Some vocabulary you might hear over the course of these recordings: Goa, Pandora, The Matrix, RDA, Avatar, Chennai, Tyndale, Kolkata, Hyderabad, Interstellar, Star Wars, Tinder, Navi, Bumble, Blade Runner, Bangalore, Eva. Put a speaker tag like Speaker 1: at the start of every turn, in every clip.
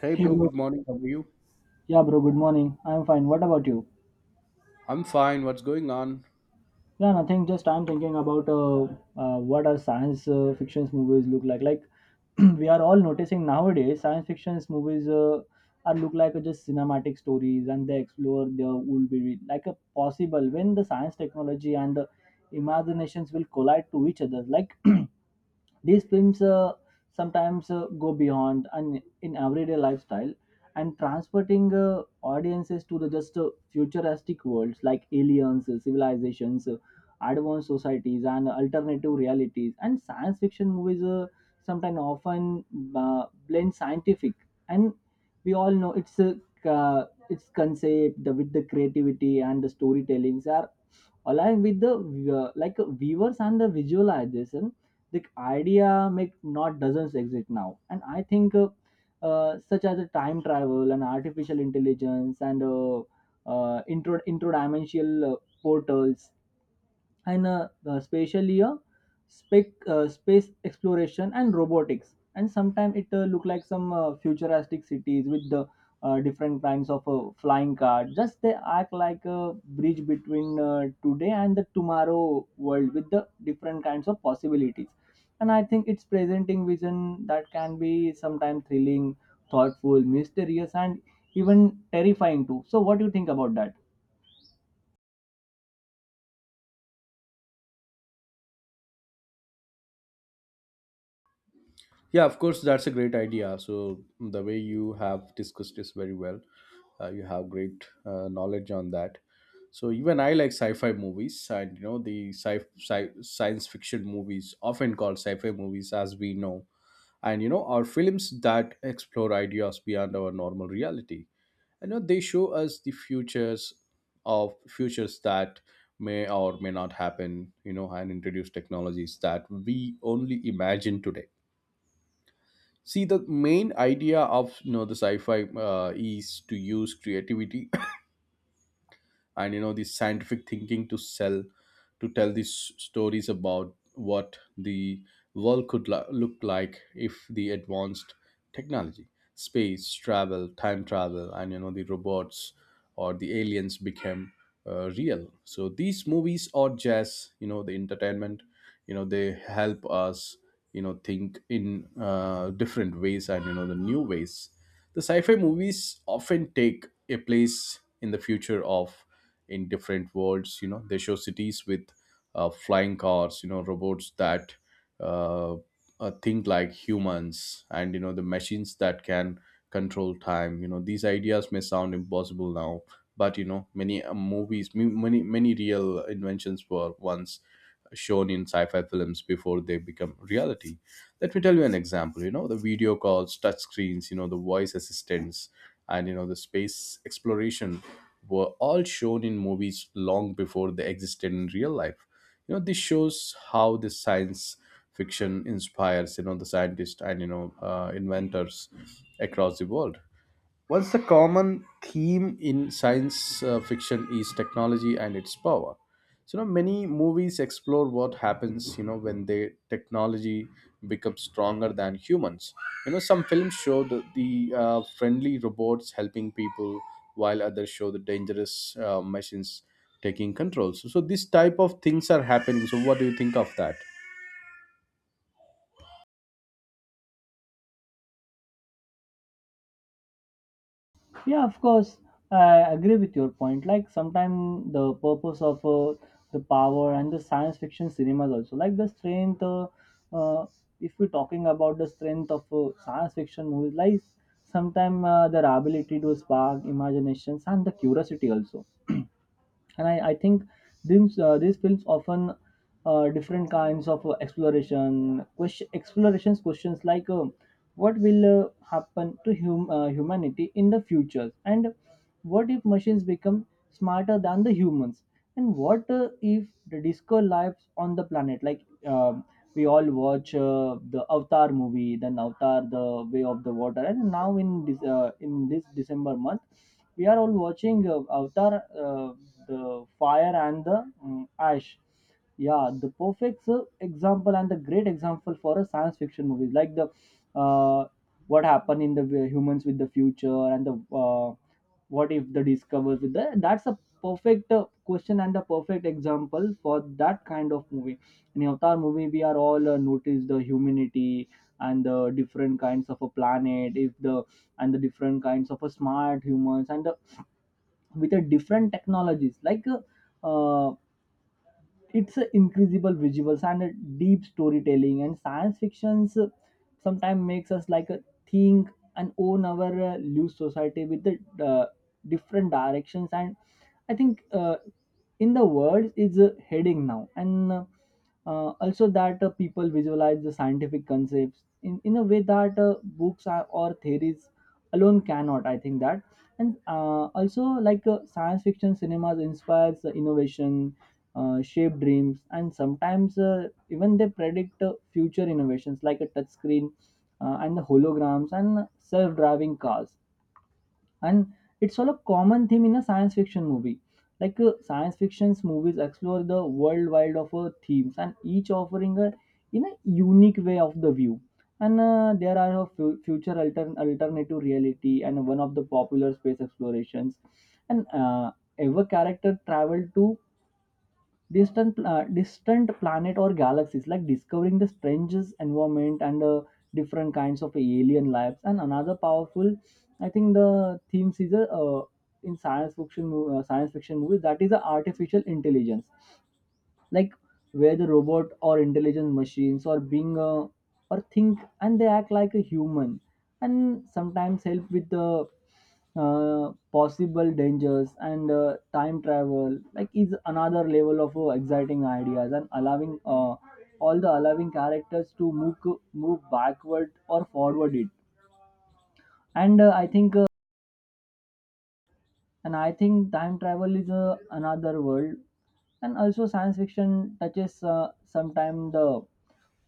Speaker 1: Hey
Speaker 2: Hey
Speaker 1: bro,
Speaker 2: bro.
Speaker 1: good morning. How are you?
Speaker 2: Yeah, bro. Good morning. I'm fine. What about you?
Speaker 1: I'm fine. What's going on?
Speaker 2: Yeah, nothing. Just I'm thinking about what our science fiction movies look like. Like we are all noticing nowadays, science fiction movies are look like just cinematic stories, and they explore their would be like a possible when the science technology and the imaginations will collide to each other. Like these films sometimes go beyond and in everyday lifestyle and transporting audiences to the just futuristic worlds like aliens, civilizations, advanced societies, and alternative realities. And science fiction movies sometimes often blend scientific and we all know it's a its concept the, with the creativity and the storytellings are along with the viewers and the visualization, the idea make not doesn't exist now. And I think such as the time travel and artificial intelligence and intro dimensional portals and spatially space exploration and robotics, and sometimes it look like some futuristic cities with the different kinds of flying car just they act like a bridge between today and the tomorrow world with the different kinds of possibilities. And I think it's presenting vision that can be sometimes thrilling, thoughtful, mysterious, and even terrifying too. So what do you think about that?
Speaker 1: Yeah, of course, that's a great idea. So the way you have discussed this very well, you have great knowledge on that. So even I like sci-fi movies, and the science fiction movies, often called sci-fi movies, as we know, and are films that explore ideas beyond our normal reality. They show us the futures of futures that may or may not happen, and introduce technologies that we only imagine today. See, the main idea of the sci-fi is to use creativity and the scientific thinking to sell to tell these stories about what the world could look like if the advanced technology, space travel, time travel, and the robots or the aliens became real. So these movies are just the entertainment. They help us think in different ways and the new ways. The sci-fi movies often take a place in the future of, in different worlds. They show cities with flying cars, robots that uh, think like humans, and the machines that can control time. These ideas may sound impossible now, but many movies, many real inventions were once shown in sci-fi films before they become reality. Let me tell you an example. The video calls, touch screens, the voice assistants, and the space exploration were all shown in movies long before they existed in real life. This shows how the science fiction inspires, the scientists and inventors across the world. Once the common theme in science fiction is technology and its power. So now many movies explore what happens, when the technology becomes stronger than humans. Some films show the friendly robots helping people, while others show the dangerous machines taking control. So this type of things are happening. So what do you think of that?
Speaker 2: Yeah, of course. I agree with your point. Like sometimes the purpose of the power and the science fiction cinemas also, like the strength. Uh, if we're talking about the strength of science fiction movies, like sometimes their ability to spark imaginations and the curiosity also. And I think these films often different kinds of explorations questions like what will happen to humanity in the future, and what if machines become smarter than the humans, and what if the disco lives on the planet? Like we all watch the Avatar movie, then Avatar, the Way of the Water, and now in this December month, we are all watching Avatar, the Fire and the Ash. Yeah, the perfect example and the great example for a science fiction movie, like the uh, what happened in the humans with the future and the what if the discovers with the, that's a perfect question and a perfect example for that kind of movie. In Avatar movie we are all notice the humanity and the different kinds of a planet if the, and the different kinds of a smart humans and the, with the different technologies like uh, uh, it's a incredible visuals and a deep storytelling, and science fictions sometimes makes us like a think and own our loose society with the uh, different directions. And I think in the world is heading now, and also that people visualize the scientific concepts in a way that books are, or theories alone cannot, I think that. And also like science fiction cinemas inspires the innovation, shape dreams, and sometimes even they predict future innovations like a touchscreen and the holograms and self-driving cars. And it's all a common theme in a science fiction movie. Like science fiction's movies explore the world wide of themes, and each offering a in a unique way of the view. And there are a future alternative reality and one of the popular space explorations. And ever character traveled to distant planet or galaxies, like discovering the strangest environment and different kinds of alien lives. And another powerful, I think the themes is a in science fiction movies that is the artificial intelligence, like where the robot or intelligent machines or being or think and they act like a human and sometimes help with the possible dangers. And time travel like is another level of exciting ideas and allowing allowing characters to move backward or forward it. And I think time travel is another world. And also science fiction touches sometime the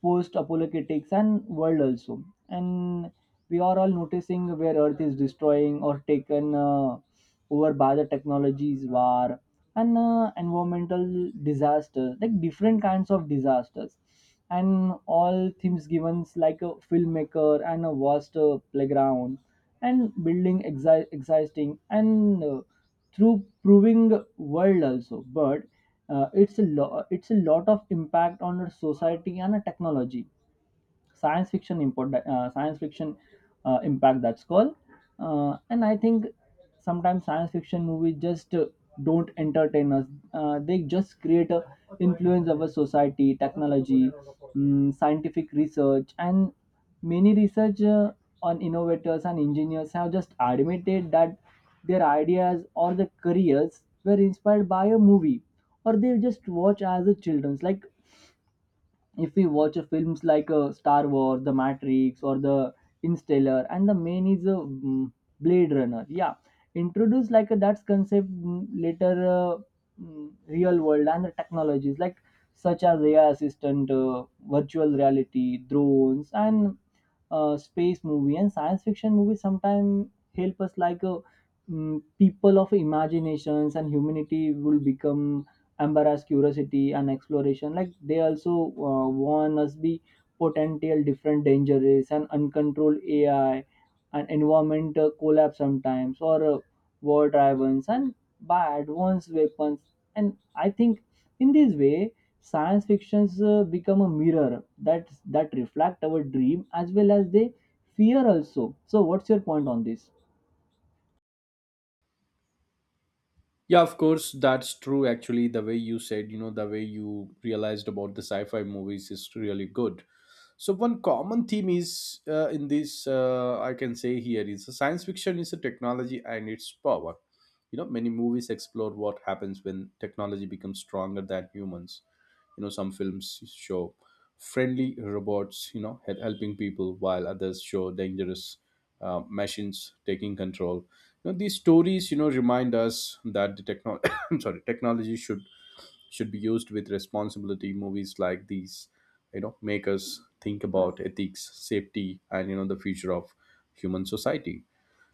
Speaker 2: post apologetics and world also. And we are all noticing where earth is destroying or taken over by the technologies war and environmental disaster, like different kinds of disasters. And all themes given like a filmmaker and a vast playground and existing and through proving world also. But it's a lot of impact on our society and a technology. Science fiction import that science fiction impact that's called and I think sometimes science fiction movies just don't entertain us, they just create a influence over society, technology, scientific research. And many research on innovators and engineers have just admitted that their ideas or their careers were inspired by a movie, or they just watch as a children's, like if we watch films like Star Wars, The Matrix, or The Interstellar, and the main is a Blade Runner. Yeah, introduce like that's concept later real world and the technologies like such as AI assistant, virtual reality, drones, and space movie. And science fiction movies sometimes help us like people of imaginations and humanity will become embarrass curiosity and exploration, like they also warn us be potential different dangers and uncontrolled AI and environment collapse, sometimes or war driven and by advanced weapons. And I think in this way, science fictions become a mirror that reflect our dream as well as they fear also. So, what's your point on this?
Speaker 1: Yeah, of course, that's true. Actually, the way you said, the way you realized about the sci fi movies is really good. So one common theme is in this I can say here is the science fiction is a technology and its power. Many movies explore what happens when technology becomes stronger than humans. Some films show friendly robots, helping people, while others show dangerous machines taking control. These stories, remind us that the technology, sorry, technology should be used with responsibility. Movies like these make us think about ethics, safety, and the future of human society.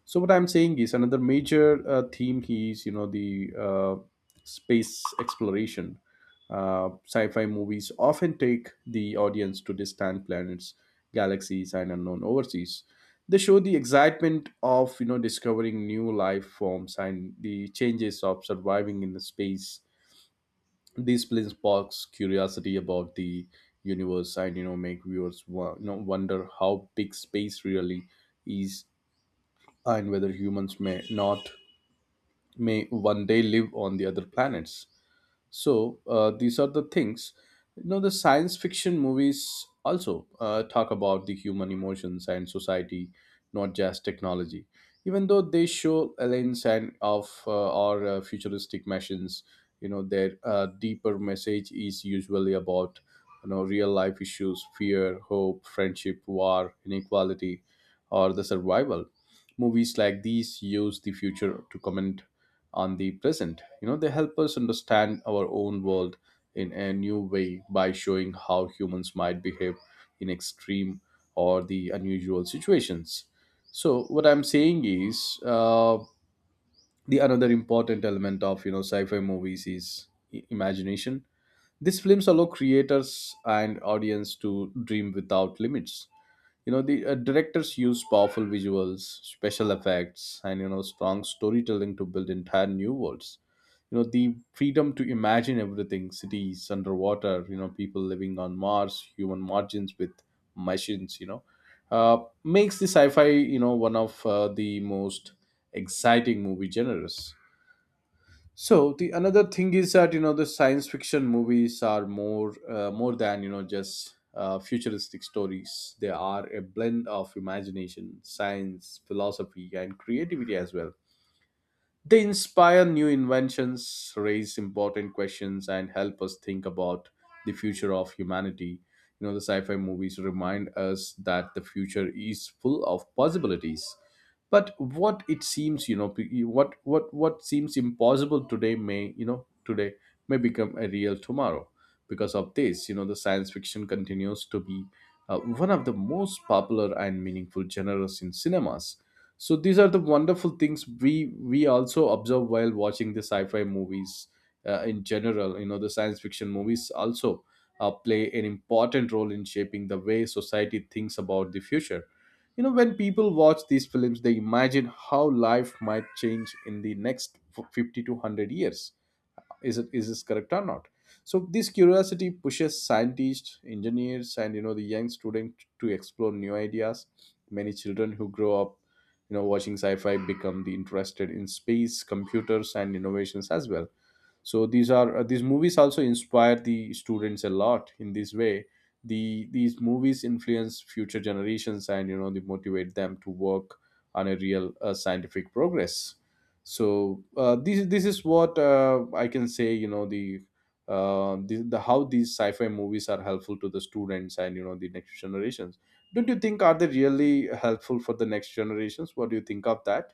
Speaker 1: So what I'm saying is, another major theme is the space exploration. Sci-fi movies often take the audience to distant planets, galaxies, and unknown overseas. They show the excitement of discovering new life forms and the changes of surviving in the space. These films sparks curiosity about the universe, and make viewers wonder how big space really is, and whether humans may not may one day live on the other planets. So these are the things. The science fiction movies also talk about the human emotions and society, not just technology. Even though they show aliens and of or futuristic machines, their deeper message is usually about real life issues: fear, hope, friendship, war, inequality, or the survival. Movies like these use the future to comment on the present. They help us understand our own world in a new way by showing how humans might behave in extreme or the unusual situations. So what I'm saying is the another important element of sci-fi movies is imagination. These films allow creators and audience to dream without limits. The directors use powerful visuals, special effects, and strong storytelling to build entire new worlds. The freedom to imagine everything, cities underwater, people living on Mars, human margins with machines, uh, makes the sci-fi one of the most exciting movie genres. So the another thing is that the science fiction movies are more than just futuristic stories. They are a blend of imagination, science, philosophy, and creativity as well. They inspire new inventions, raise important questions, and help us think about the future of humanity. The sci fi movies remind us that the future is full of possibilities. But what seems impossible today may, you know, today may become a real tomorrow. Because of this, the science fiction continues to be one of the most popular and meaningful genres in cinemas. So these are the wonderful things we also observe while watching the sci-fi movies. In general, the science fiction movies also play an important role in shaping the way society thinks about the future. When people watch these films, they imagine how life might change in the next 50 to 100 years. Is this correct or not? So this curiosity pushes scientists, engineers, and the young student to explore new ideas. Many children who grow up watching sci-fi become the interested in space, computers, and innovations as well. So these movies also inspire the students a lot in this way. These movies influence future generations, and they motivate them to work on a real scientific progress. So this is what I can say, the how these sci-fi movies are helpful to the students and the next generations. Don't you think Are they really helpful for the next generations? What do you think of that?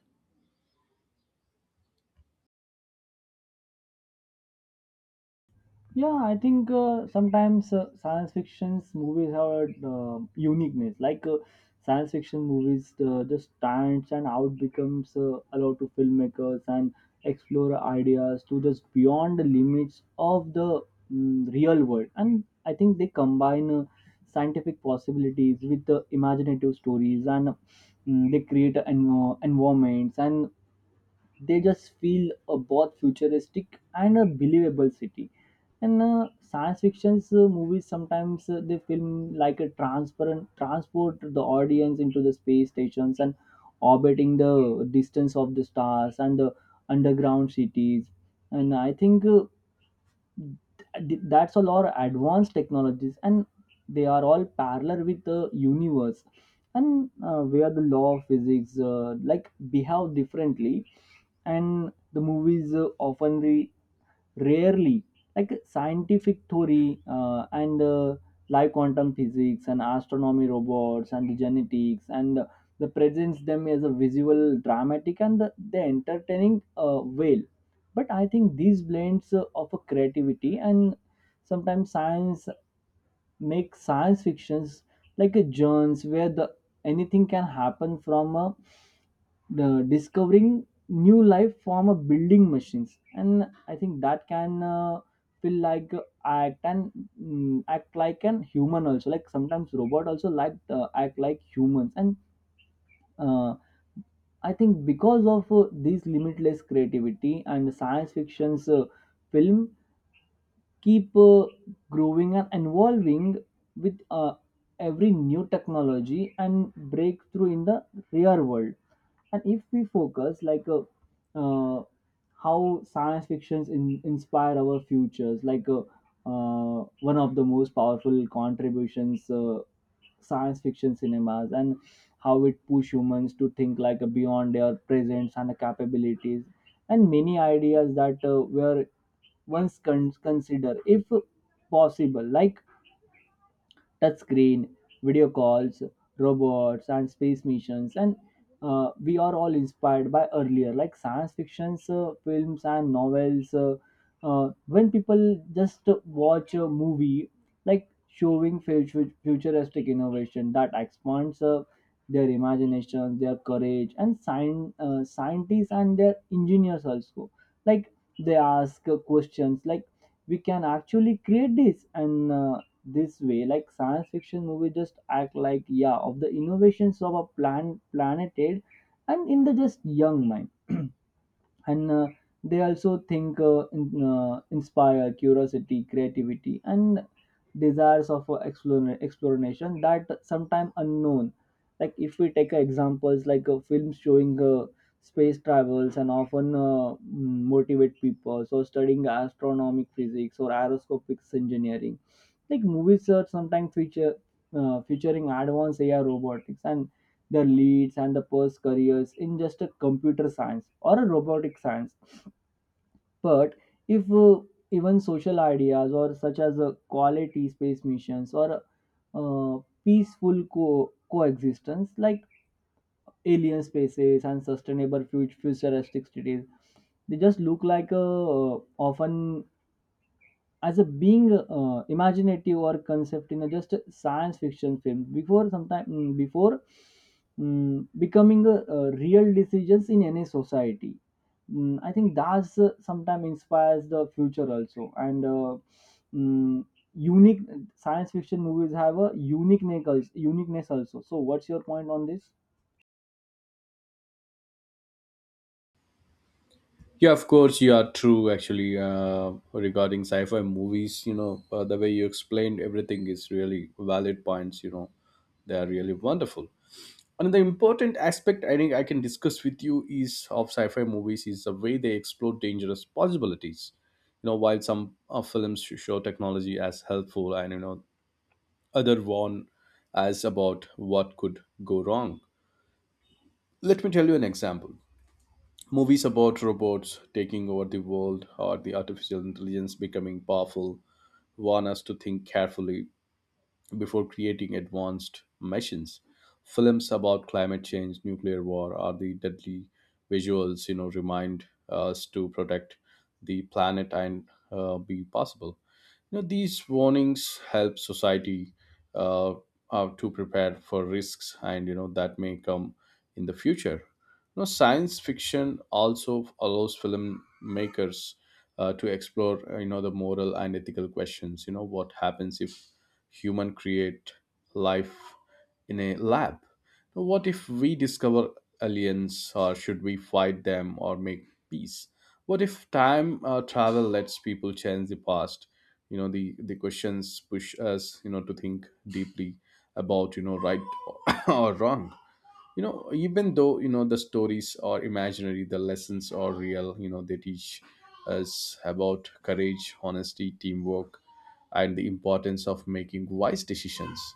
Speaker 2: Yeah, I think sometimes science fiction's movies have a uniqueness. Like science fiction movies just stands and out becomes allowed to filmmakers and explore ideas to just beyond the limits of the real world. And I think they combine scientific possibilities with imaginative stories, and they create an environments and they just feel a both futuristic and a believable city. And science fiction's movies sometimes they film like a transparent transport the audience into the space stations and orbiting the distance of the stars and the underground cities. And I think that's all our advanced technologies, and they are all parallel with the universe and where the law of physics like behave differently. And the movies often rarely like scientific theory, and like quantum physics and astronomy, robots and genetics, and the presents them as a visual, dramatic, and the entertaining well. But I think these blends of a creativity and sometimes science make science fictions like a journeys where the anything can happen from the discovering new life from a building machines. And I think that can feel like a act and act like an human also, like sometimes robot also like act like humans. And uh, I think because of this limitless creativity, and science fictions film keep growing and evolving with every new technology and breakthrough in the real world. And if we focus like uh, how science fictions inspire our futures, like one of the most powerful contributions science fiction cinemas, and how it push humans to think like beyond their presence and capabilities. And many ideas that were once consider if possible, like touchscreen, video calls, robots, and space missions. And we are all inspired by earlier, like science fictions, films, and novels. When people just watch a movie, like showing futuristic innovation that expands their imagination, their courage, and scientists and their engineers also. Like they ask questions like we can actually create this and this way, like science fiction movie just act like yeah of the innovations of a planeted and in the just young mind and they also think inspire curiosity creativity and desires of exploration that sometimes unknown. Like if we take examples like a film showing space travels and often motivate people so studying astronomic physics or aeroscopics engineering, like movies are sometimes feature featuring advanced ai robotics and the leads and the post careers in just a computer science or a robotic science. But if even social ideas or such as a quality space missions or peaceful coexistence like alien spaces and sustainable futuristic cities, they just look like a often as a being imaginative or concept in a just a science fiction film before sometime before becoming a real decisions in any society. Mm, I think that's sometimes inspires the future also and mm, unique science fiction movies have a uniqueness also. So what's your point on this?
Speaker 1: Yeah, of course, you are true. Actually, regarding sci-fi movies, the way you explained everything is really valid points. They are really wonderful. Another important aspect I think I can discuss with you is of sci-fi movies is the way they explore dangerous possibilities. While some films show technology as helpful, and other warn as about what could go wrong. Let me tell you an example. Movies about robots taking over the world or the artificial intelligence becoming powerful warn us to think carefully before creating advanced machines. Films about climate change, nuclear war, or the deadly visuals, remind us to protect the planet and be possible. These warnings help society uh, to prepare for risks and that may come in the future. Science fiction also allows filmmakers to explore the moral and ethical questions. What happens if human create life in a lab? Now, what if we discover aliens? Or should we fight them or make peace? What if time travel lets people change the past? The questions push us, to think deeply about right or wrong. Even though the stories are imaginary, the lessons are real. They teach us about courage, honesty, teamwork, and the importance of making wise decisions.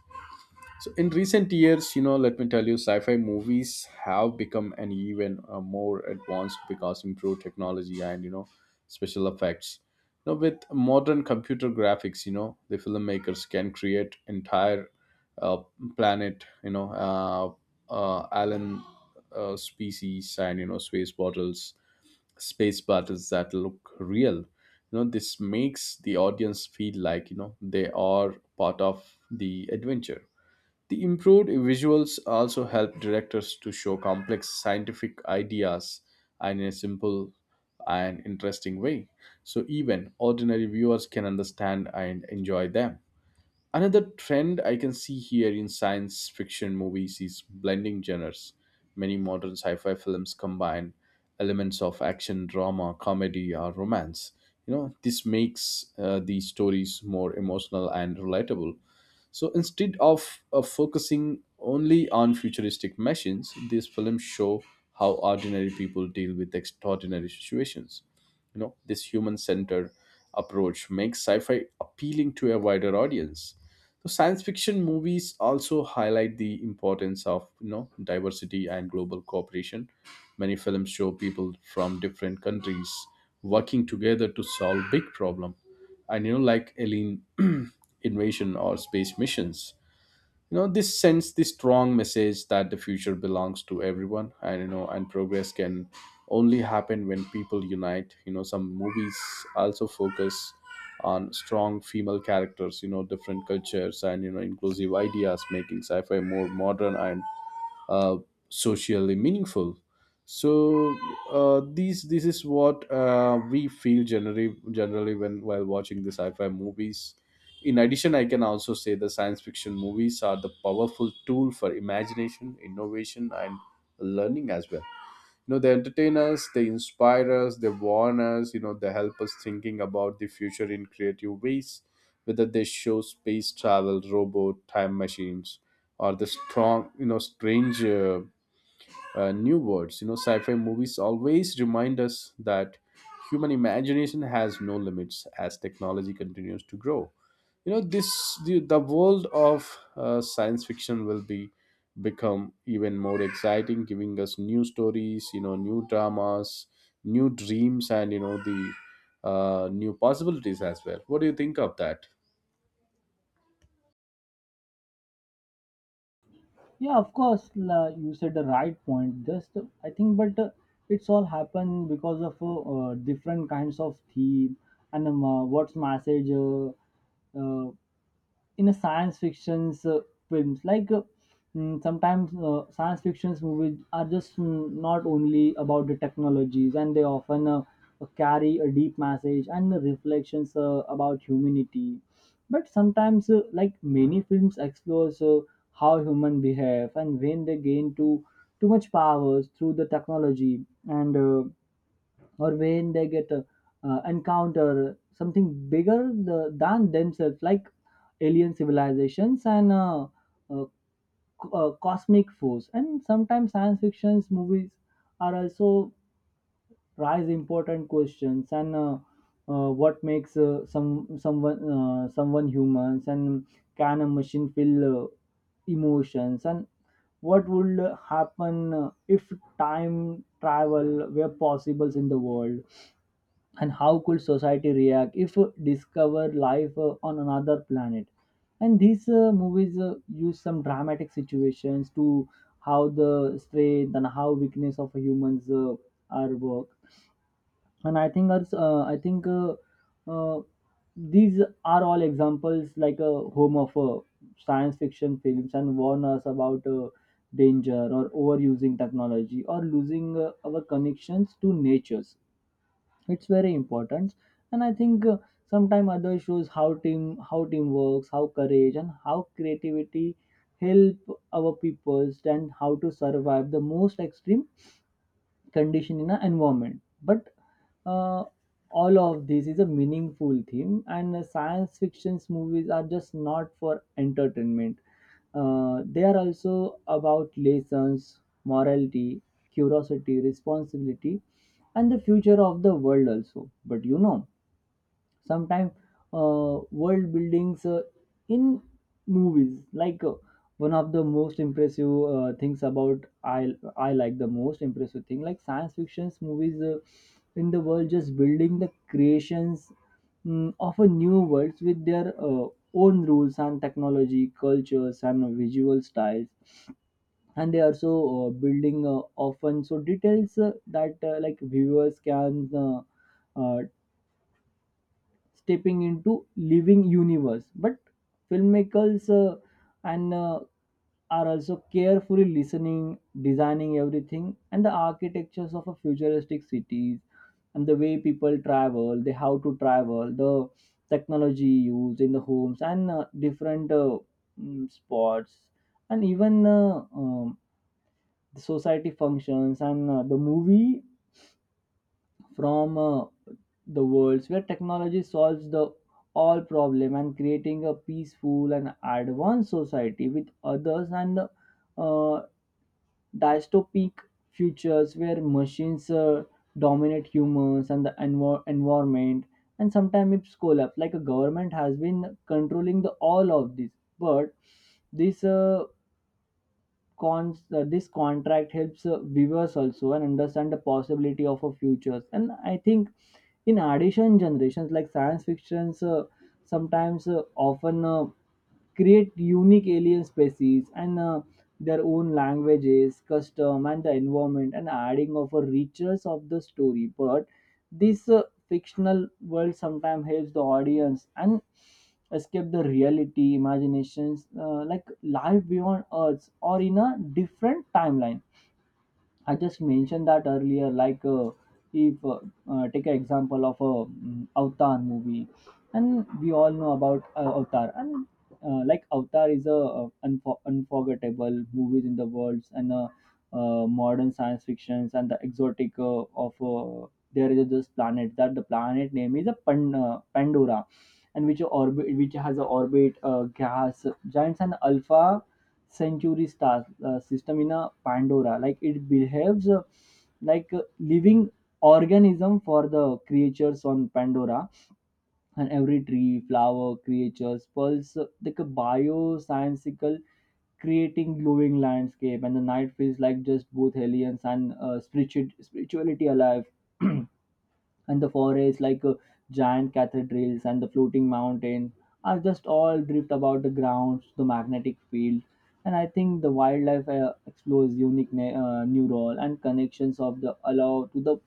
Speaker 1: So in recent years, let me tell you, sci-fi movies have become an even more advanced because improved technology and special effects. Now with modern computer graphics, the filmmakers can create entire uh, planet, alien species, and space battles, that look real. This makes the audience feel like they are part of the adventure. The improved visuals also help directors to show complex scientific ideas in a simple and interesting way, so even ordinary viewers can understand and enjoy them. Another trend I can see here in science fiction movies is blending genres. Many modern sci fi films combine elements of action, drama, comedy, or romance. This makes these stories more emotional and relatable. So instead of focusing only on futuristic machines, these films show how ordinary people deal with extraordinary situations. This human centered approach makes sci fi appealing to a wider audience. So science fiction movies also highlight the importance of diversity and global cooperation. Many films show people from different countries working together to solve big problem, and like alien invasion or space missions. You know, this sends the strong message that the future belongs to everyone, and and progress can only happen when people unite. You know, some movies also focus on strong female characters, different cultures, and inclusive ideas, making sci-fi more modern and uh, socially meaningful. So these this is what we feel generally when while watching the sci-fi movies. In addition, I can also say the science fiction movies are the powerful tool for imagination, innovation, and learning as well. You know, they entertain us, they inspire us, they warn us. You know, they help us thinking about the future in creative ways, whether they show space travel, robot, time machines, or the strong strange new words. You know, sci-fi movies always remind us that human imagination has no limits. As technology continues to grow, the world of science fiction will be become even more exciting, giving us new stories, new dramas, new dreams, and you know the new possibilities as well. What do you think of that?
Speaker 2: Yeah, of course, la, you said the right point. Just I think, but it's all happened because of different kinds of theme and what's message. Uh, in a science fiction's films like sometimes science fiction's movies are just not only about the technologies, and they often carry a deep message and reflections about humanity. But sometimes like many films explores how human behave and when they gain too much powers through the technology and or when they get encounter something bigger than themselves, like alien civilizations and uh, cosmic force. And sometimes science fictions movies are also raise important questions and what makes someone humans, and can a machine feel emotions, and what would happen if time travel were possible in the world, and how could society react if discover life on another planet. And these movies use some dramatic situations to how the strength and how weakness of humans are work. And I think also, I think uh, these are all examples like a home of science fiction films and warn us about danger or overusing technology or losing our connections to natures. It's very important. And I think sometime others shows how team works, how courage and how creativity help our peoples and how to survive the most extreme condition in an environment. But uh, all of this is a meaningful theme, and science fiction's movies are just not for entertainment. They are also about lessons, morality, curiosity, responsibility, and the future of the world also. But you know, sometimes world buildings in movies like one of the most impressive things about i like the most impressive thing like science fiction's movies in the world just building the creations, of a new world with their own rules and technology cultures and visual styles. And they are so building often so details that like viewers can uh, stepping into living universe. But filmmakers and are also carefully listening designing everything and the architectures of a futuristic cities, and the way people travel they how to travel the technology used in the homes and different spots, and even the society functions. And the movie from the worlds where technology solves the all problem and creating a peaceful and advanced society with others, and uh, dystopic futures where machines dominate humans and the environment, and sometimes it's collapse like a government has been controlling the all of this. But this cons this contract helps viewers also and understand the possibility of a futures. And I think in addition generations like science fictions sometimes often create unique alien species and their own languages, custom, and the environment, and adding of a richness of the story. But this fictional world sometimes helps the audience and escape the reality, imaginations, like life beyond Earth or in a different timeline. I just mentioned that earlier, like if take an example of a Avatar movie, and we all know about Avatar. And like Avatar is a, unforgettable movies in the world, and modern science fictions and the exotic of there is this planet that the planet name is a Pandora, and which orbit which has a orbit gas giants and alpha century star system. In a pandora like it behaves like a living organism for the creatures on pandora, and every tree flower creatures pulse like a bioscientical creating glowing landscape, and the night feels like just both aliens and spirituality alive. And the forests like giant cathedrals, and the floating mountain are just all drift about the grounds the magnetic field. And I think the wildlife explores unique new role and connections of the allow to the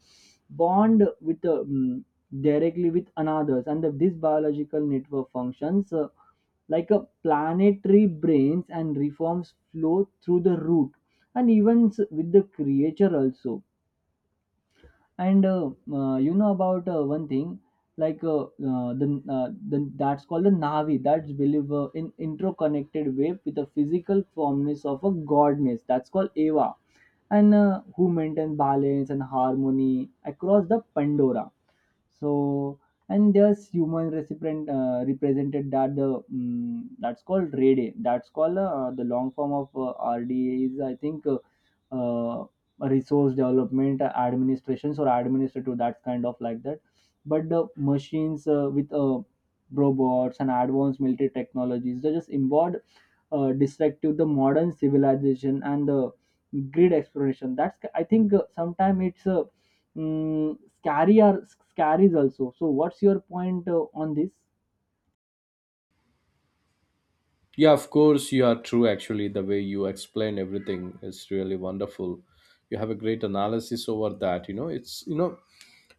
Speaker 2: bond with the directly with another's. And this biological network functions like a planetary brains, and reforms flow through the root, and even with the creature also. And you know about one thing, like the that's called the Navi. That's believe in interconnected wave with the physical formness of a godness. That's called Eva, and who maintain balance and harmony across the Pandora. So and there's human recipient represented that the that's called Rede. That's called the long form of RDA is I think. Uh, Resource development administrations or administrative, that kind of like that. But the machines with robots and advanced military technologies they just involved destructive the modern civilization and the grid exploration. That's I think scary or scaries also. So what's your point on this?
Speaker 1: Yeah, of course, you are true. Actually, the way you explain everything is really wonderful. You have a great analysis over that. You know it's you know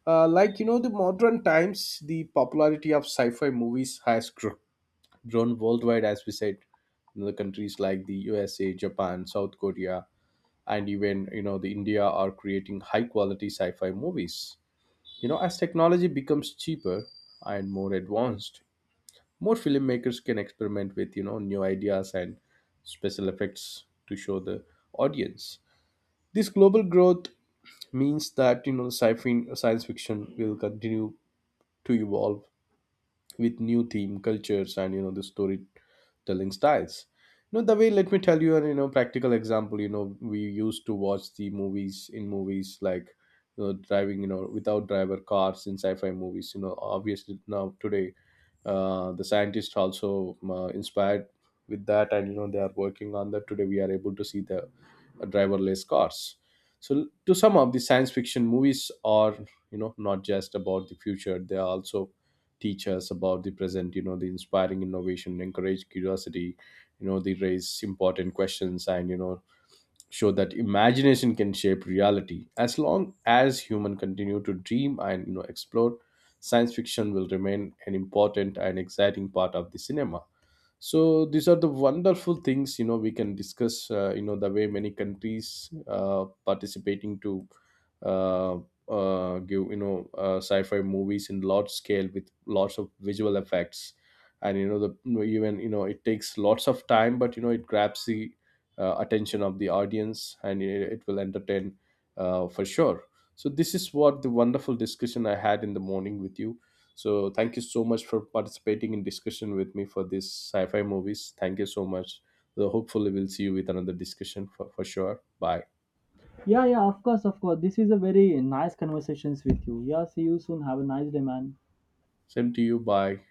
Speaker 1: like you know The modern times, the popularity of sci-fi movies has grown worldwide, as we said. You know, the countries like the USA, Japan, South Korea, and even the India are creating high quality sci-fi movies. You know, as technology becomes cheaper and more advanced, more filmmakers can experiment with new ideas and special effects to show the audience. This global growth means that sci-fi science fiction will continue to evolve with new theme cultures and the storytelling styles. You know, the way, let me tell you an practical example. You know, we used to watch the movies in movies like driving without driver cars in sci-fi movies. You know, obviously now today the scientists also inspired with that, and you know they are working on that. Today we are able to see the driverless cars. So to sum up, the science fiction movies are, not just about the future, they are also teach us about the present. You know, the inspiring innovation, encourage curiosity, they raise important questions, and show that imagination can shape reality. As long as human continue to dream and explore, science fiction will remain an important and exciting part of the cinema. So these are the wonderful things, we can discuss the way many countries participating to uh, give sci-fi movies in large scale with lots of visual effects, and even it takes lots of time, but it grabs the attention of the audience, and it will entertain for sure. So this is what the wonderful discussion I had in the morning with you. So thank you so much for participating in discussion with me for this sci-fi movies. Thank you so much. So hopefully we'll see you with another discussion for sure. Bye.
Speaker 2: Yeah, yeah, of course, of course, this is a very nice conversations with you. Yeah, see you soon, have a nice day, man.
Speaker 1: Same to you. Bye.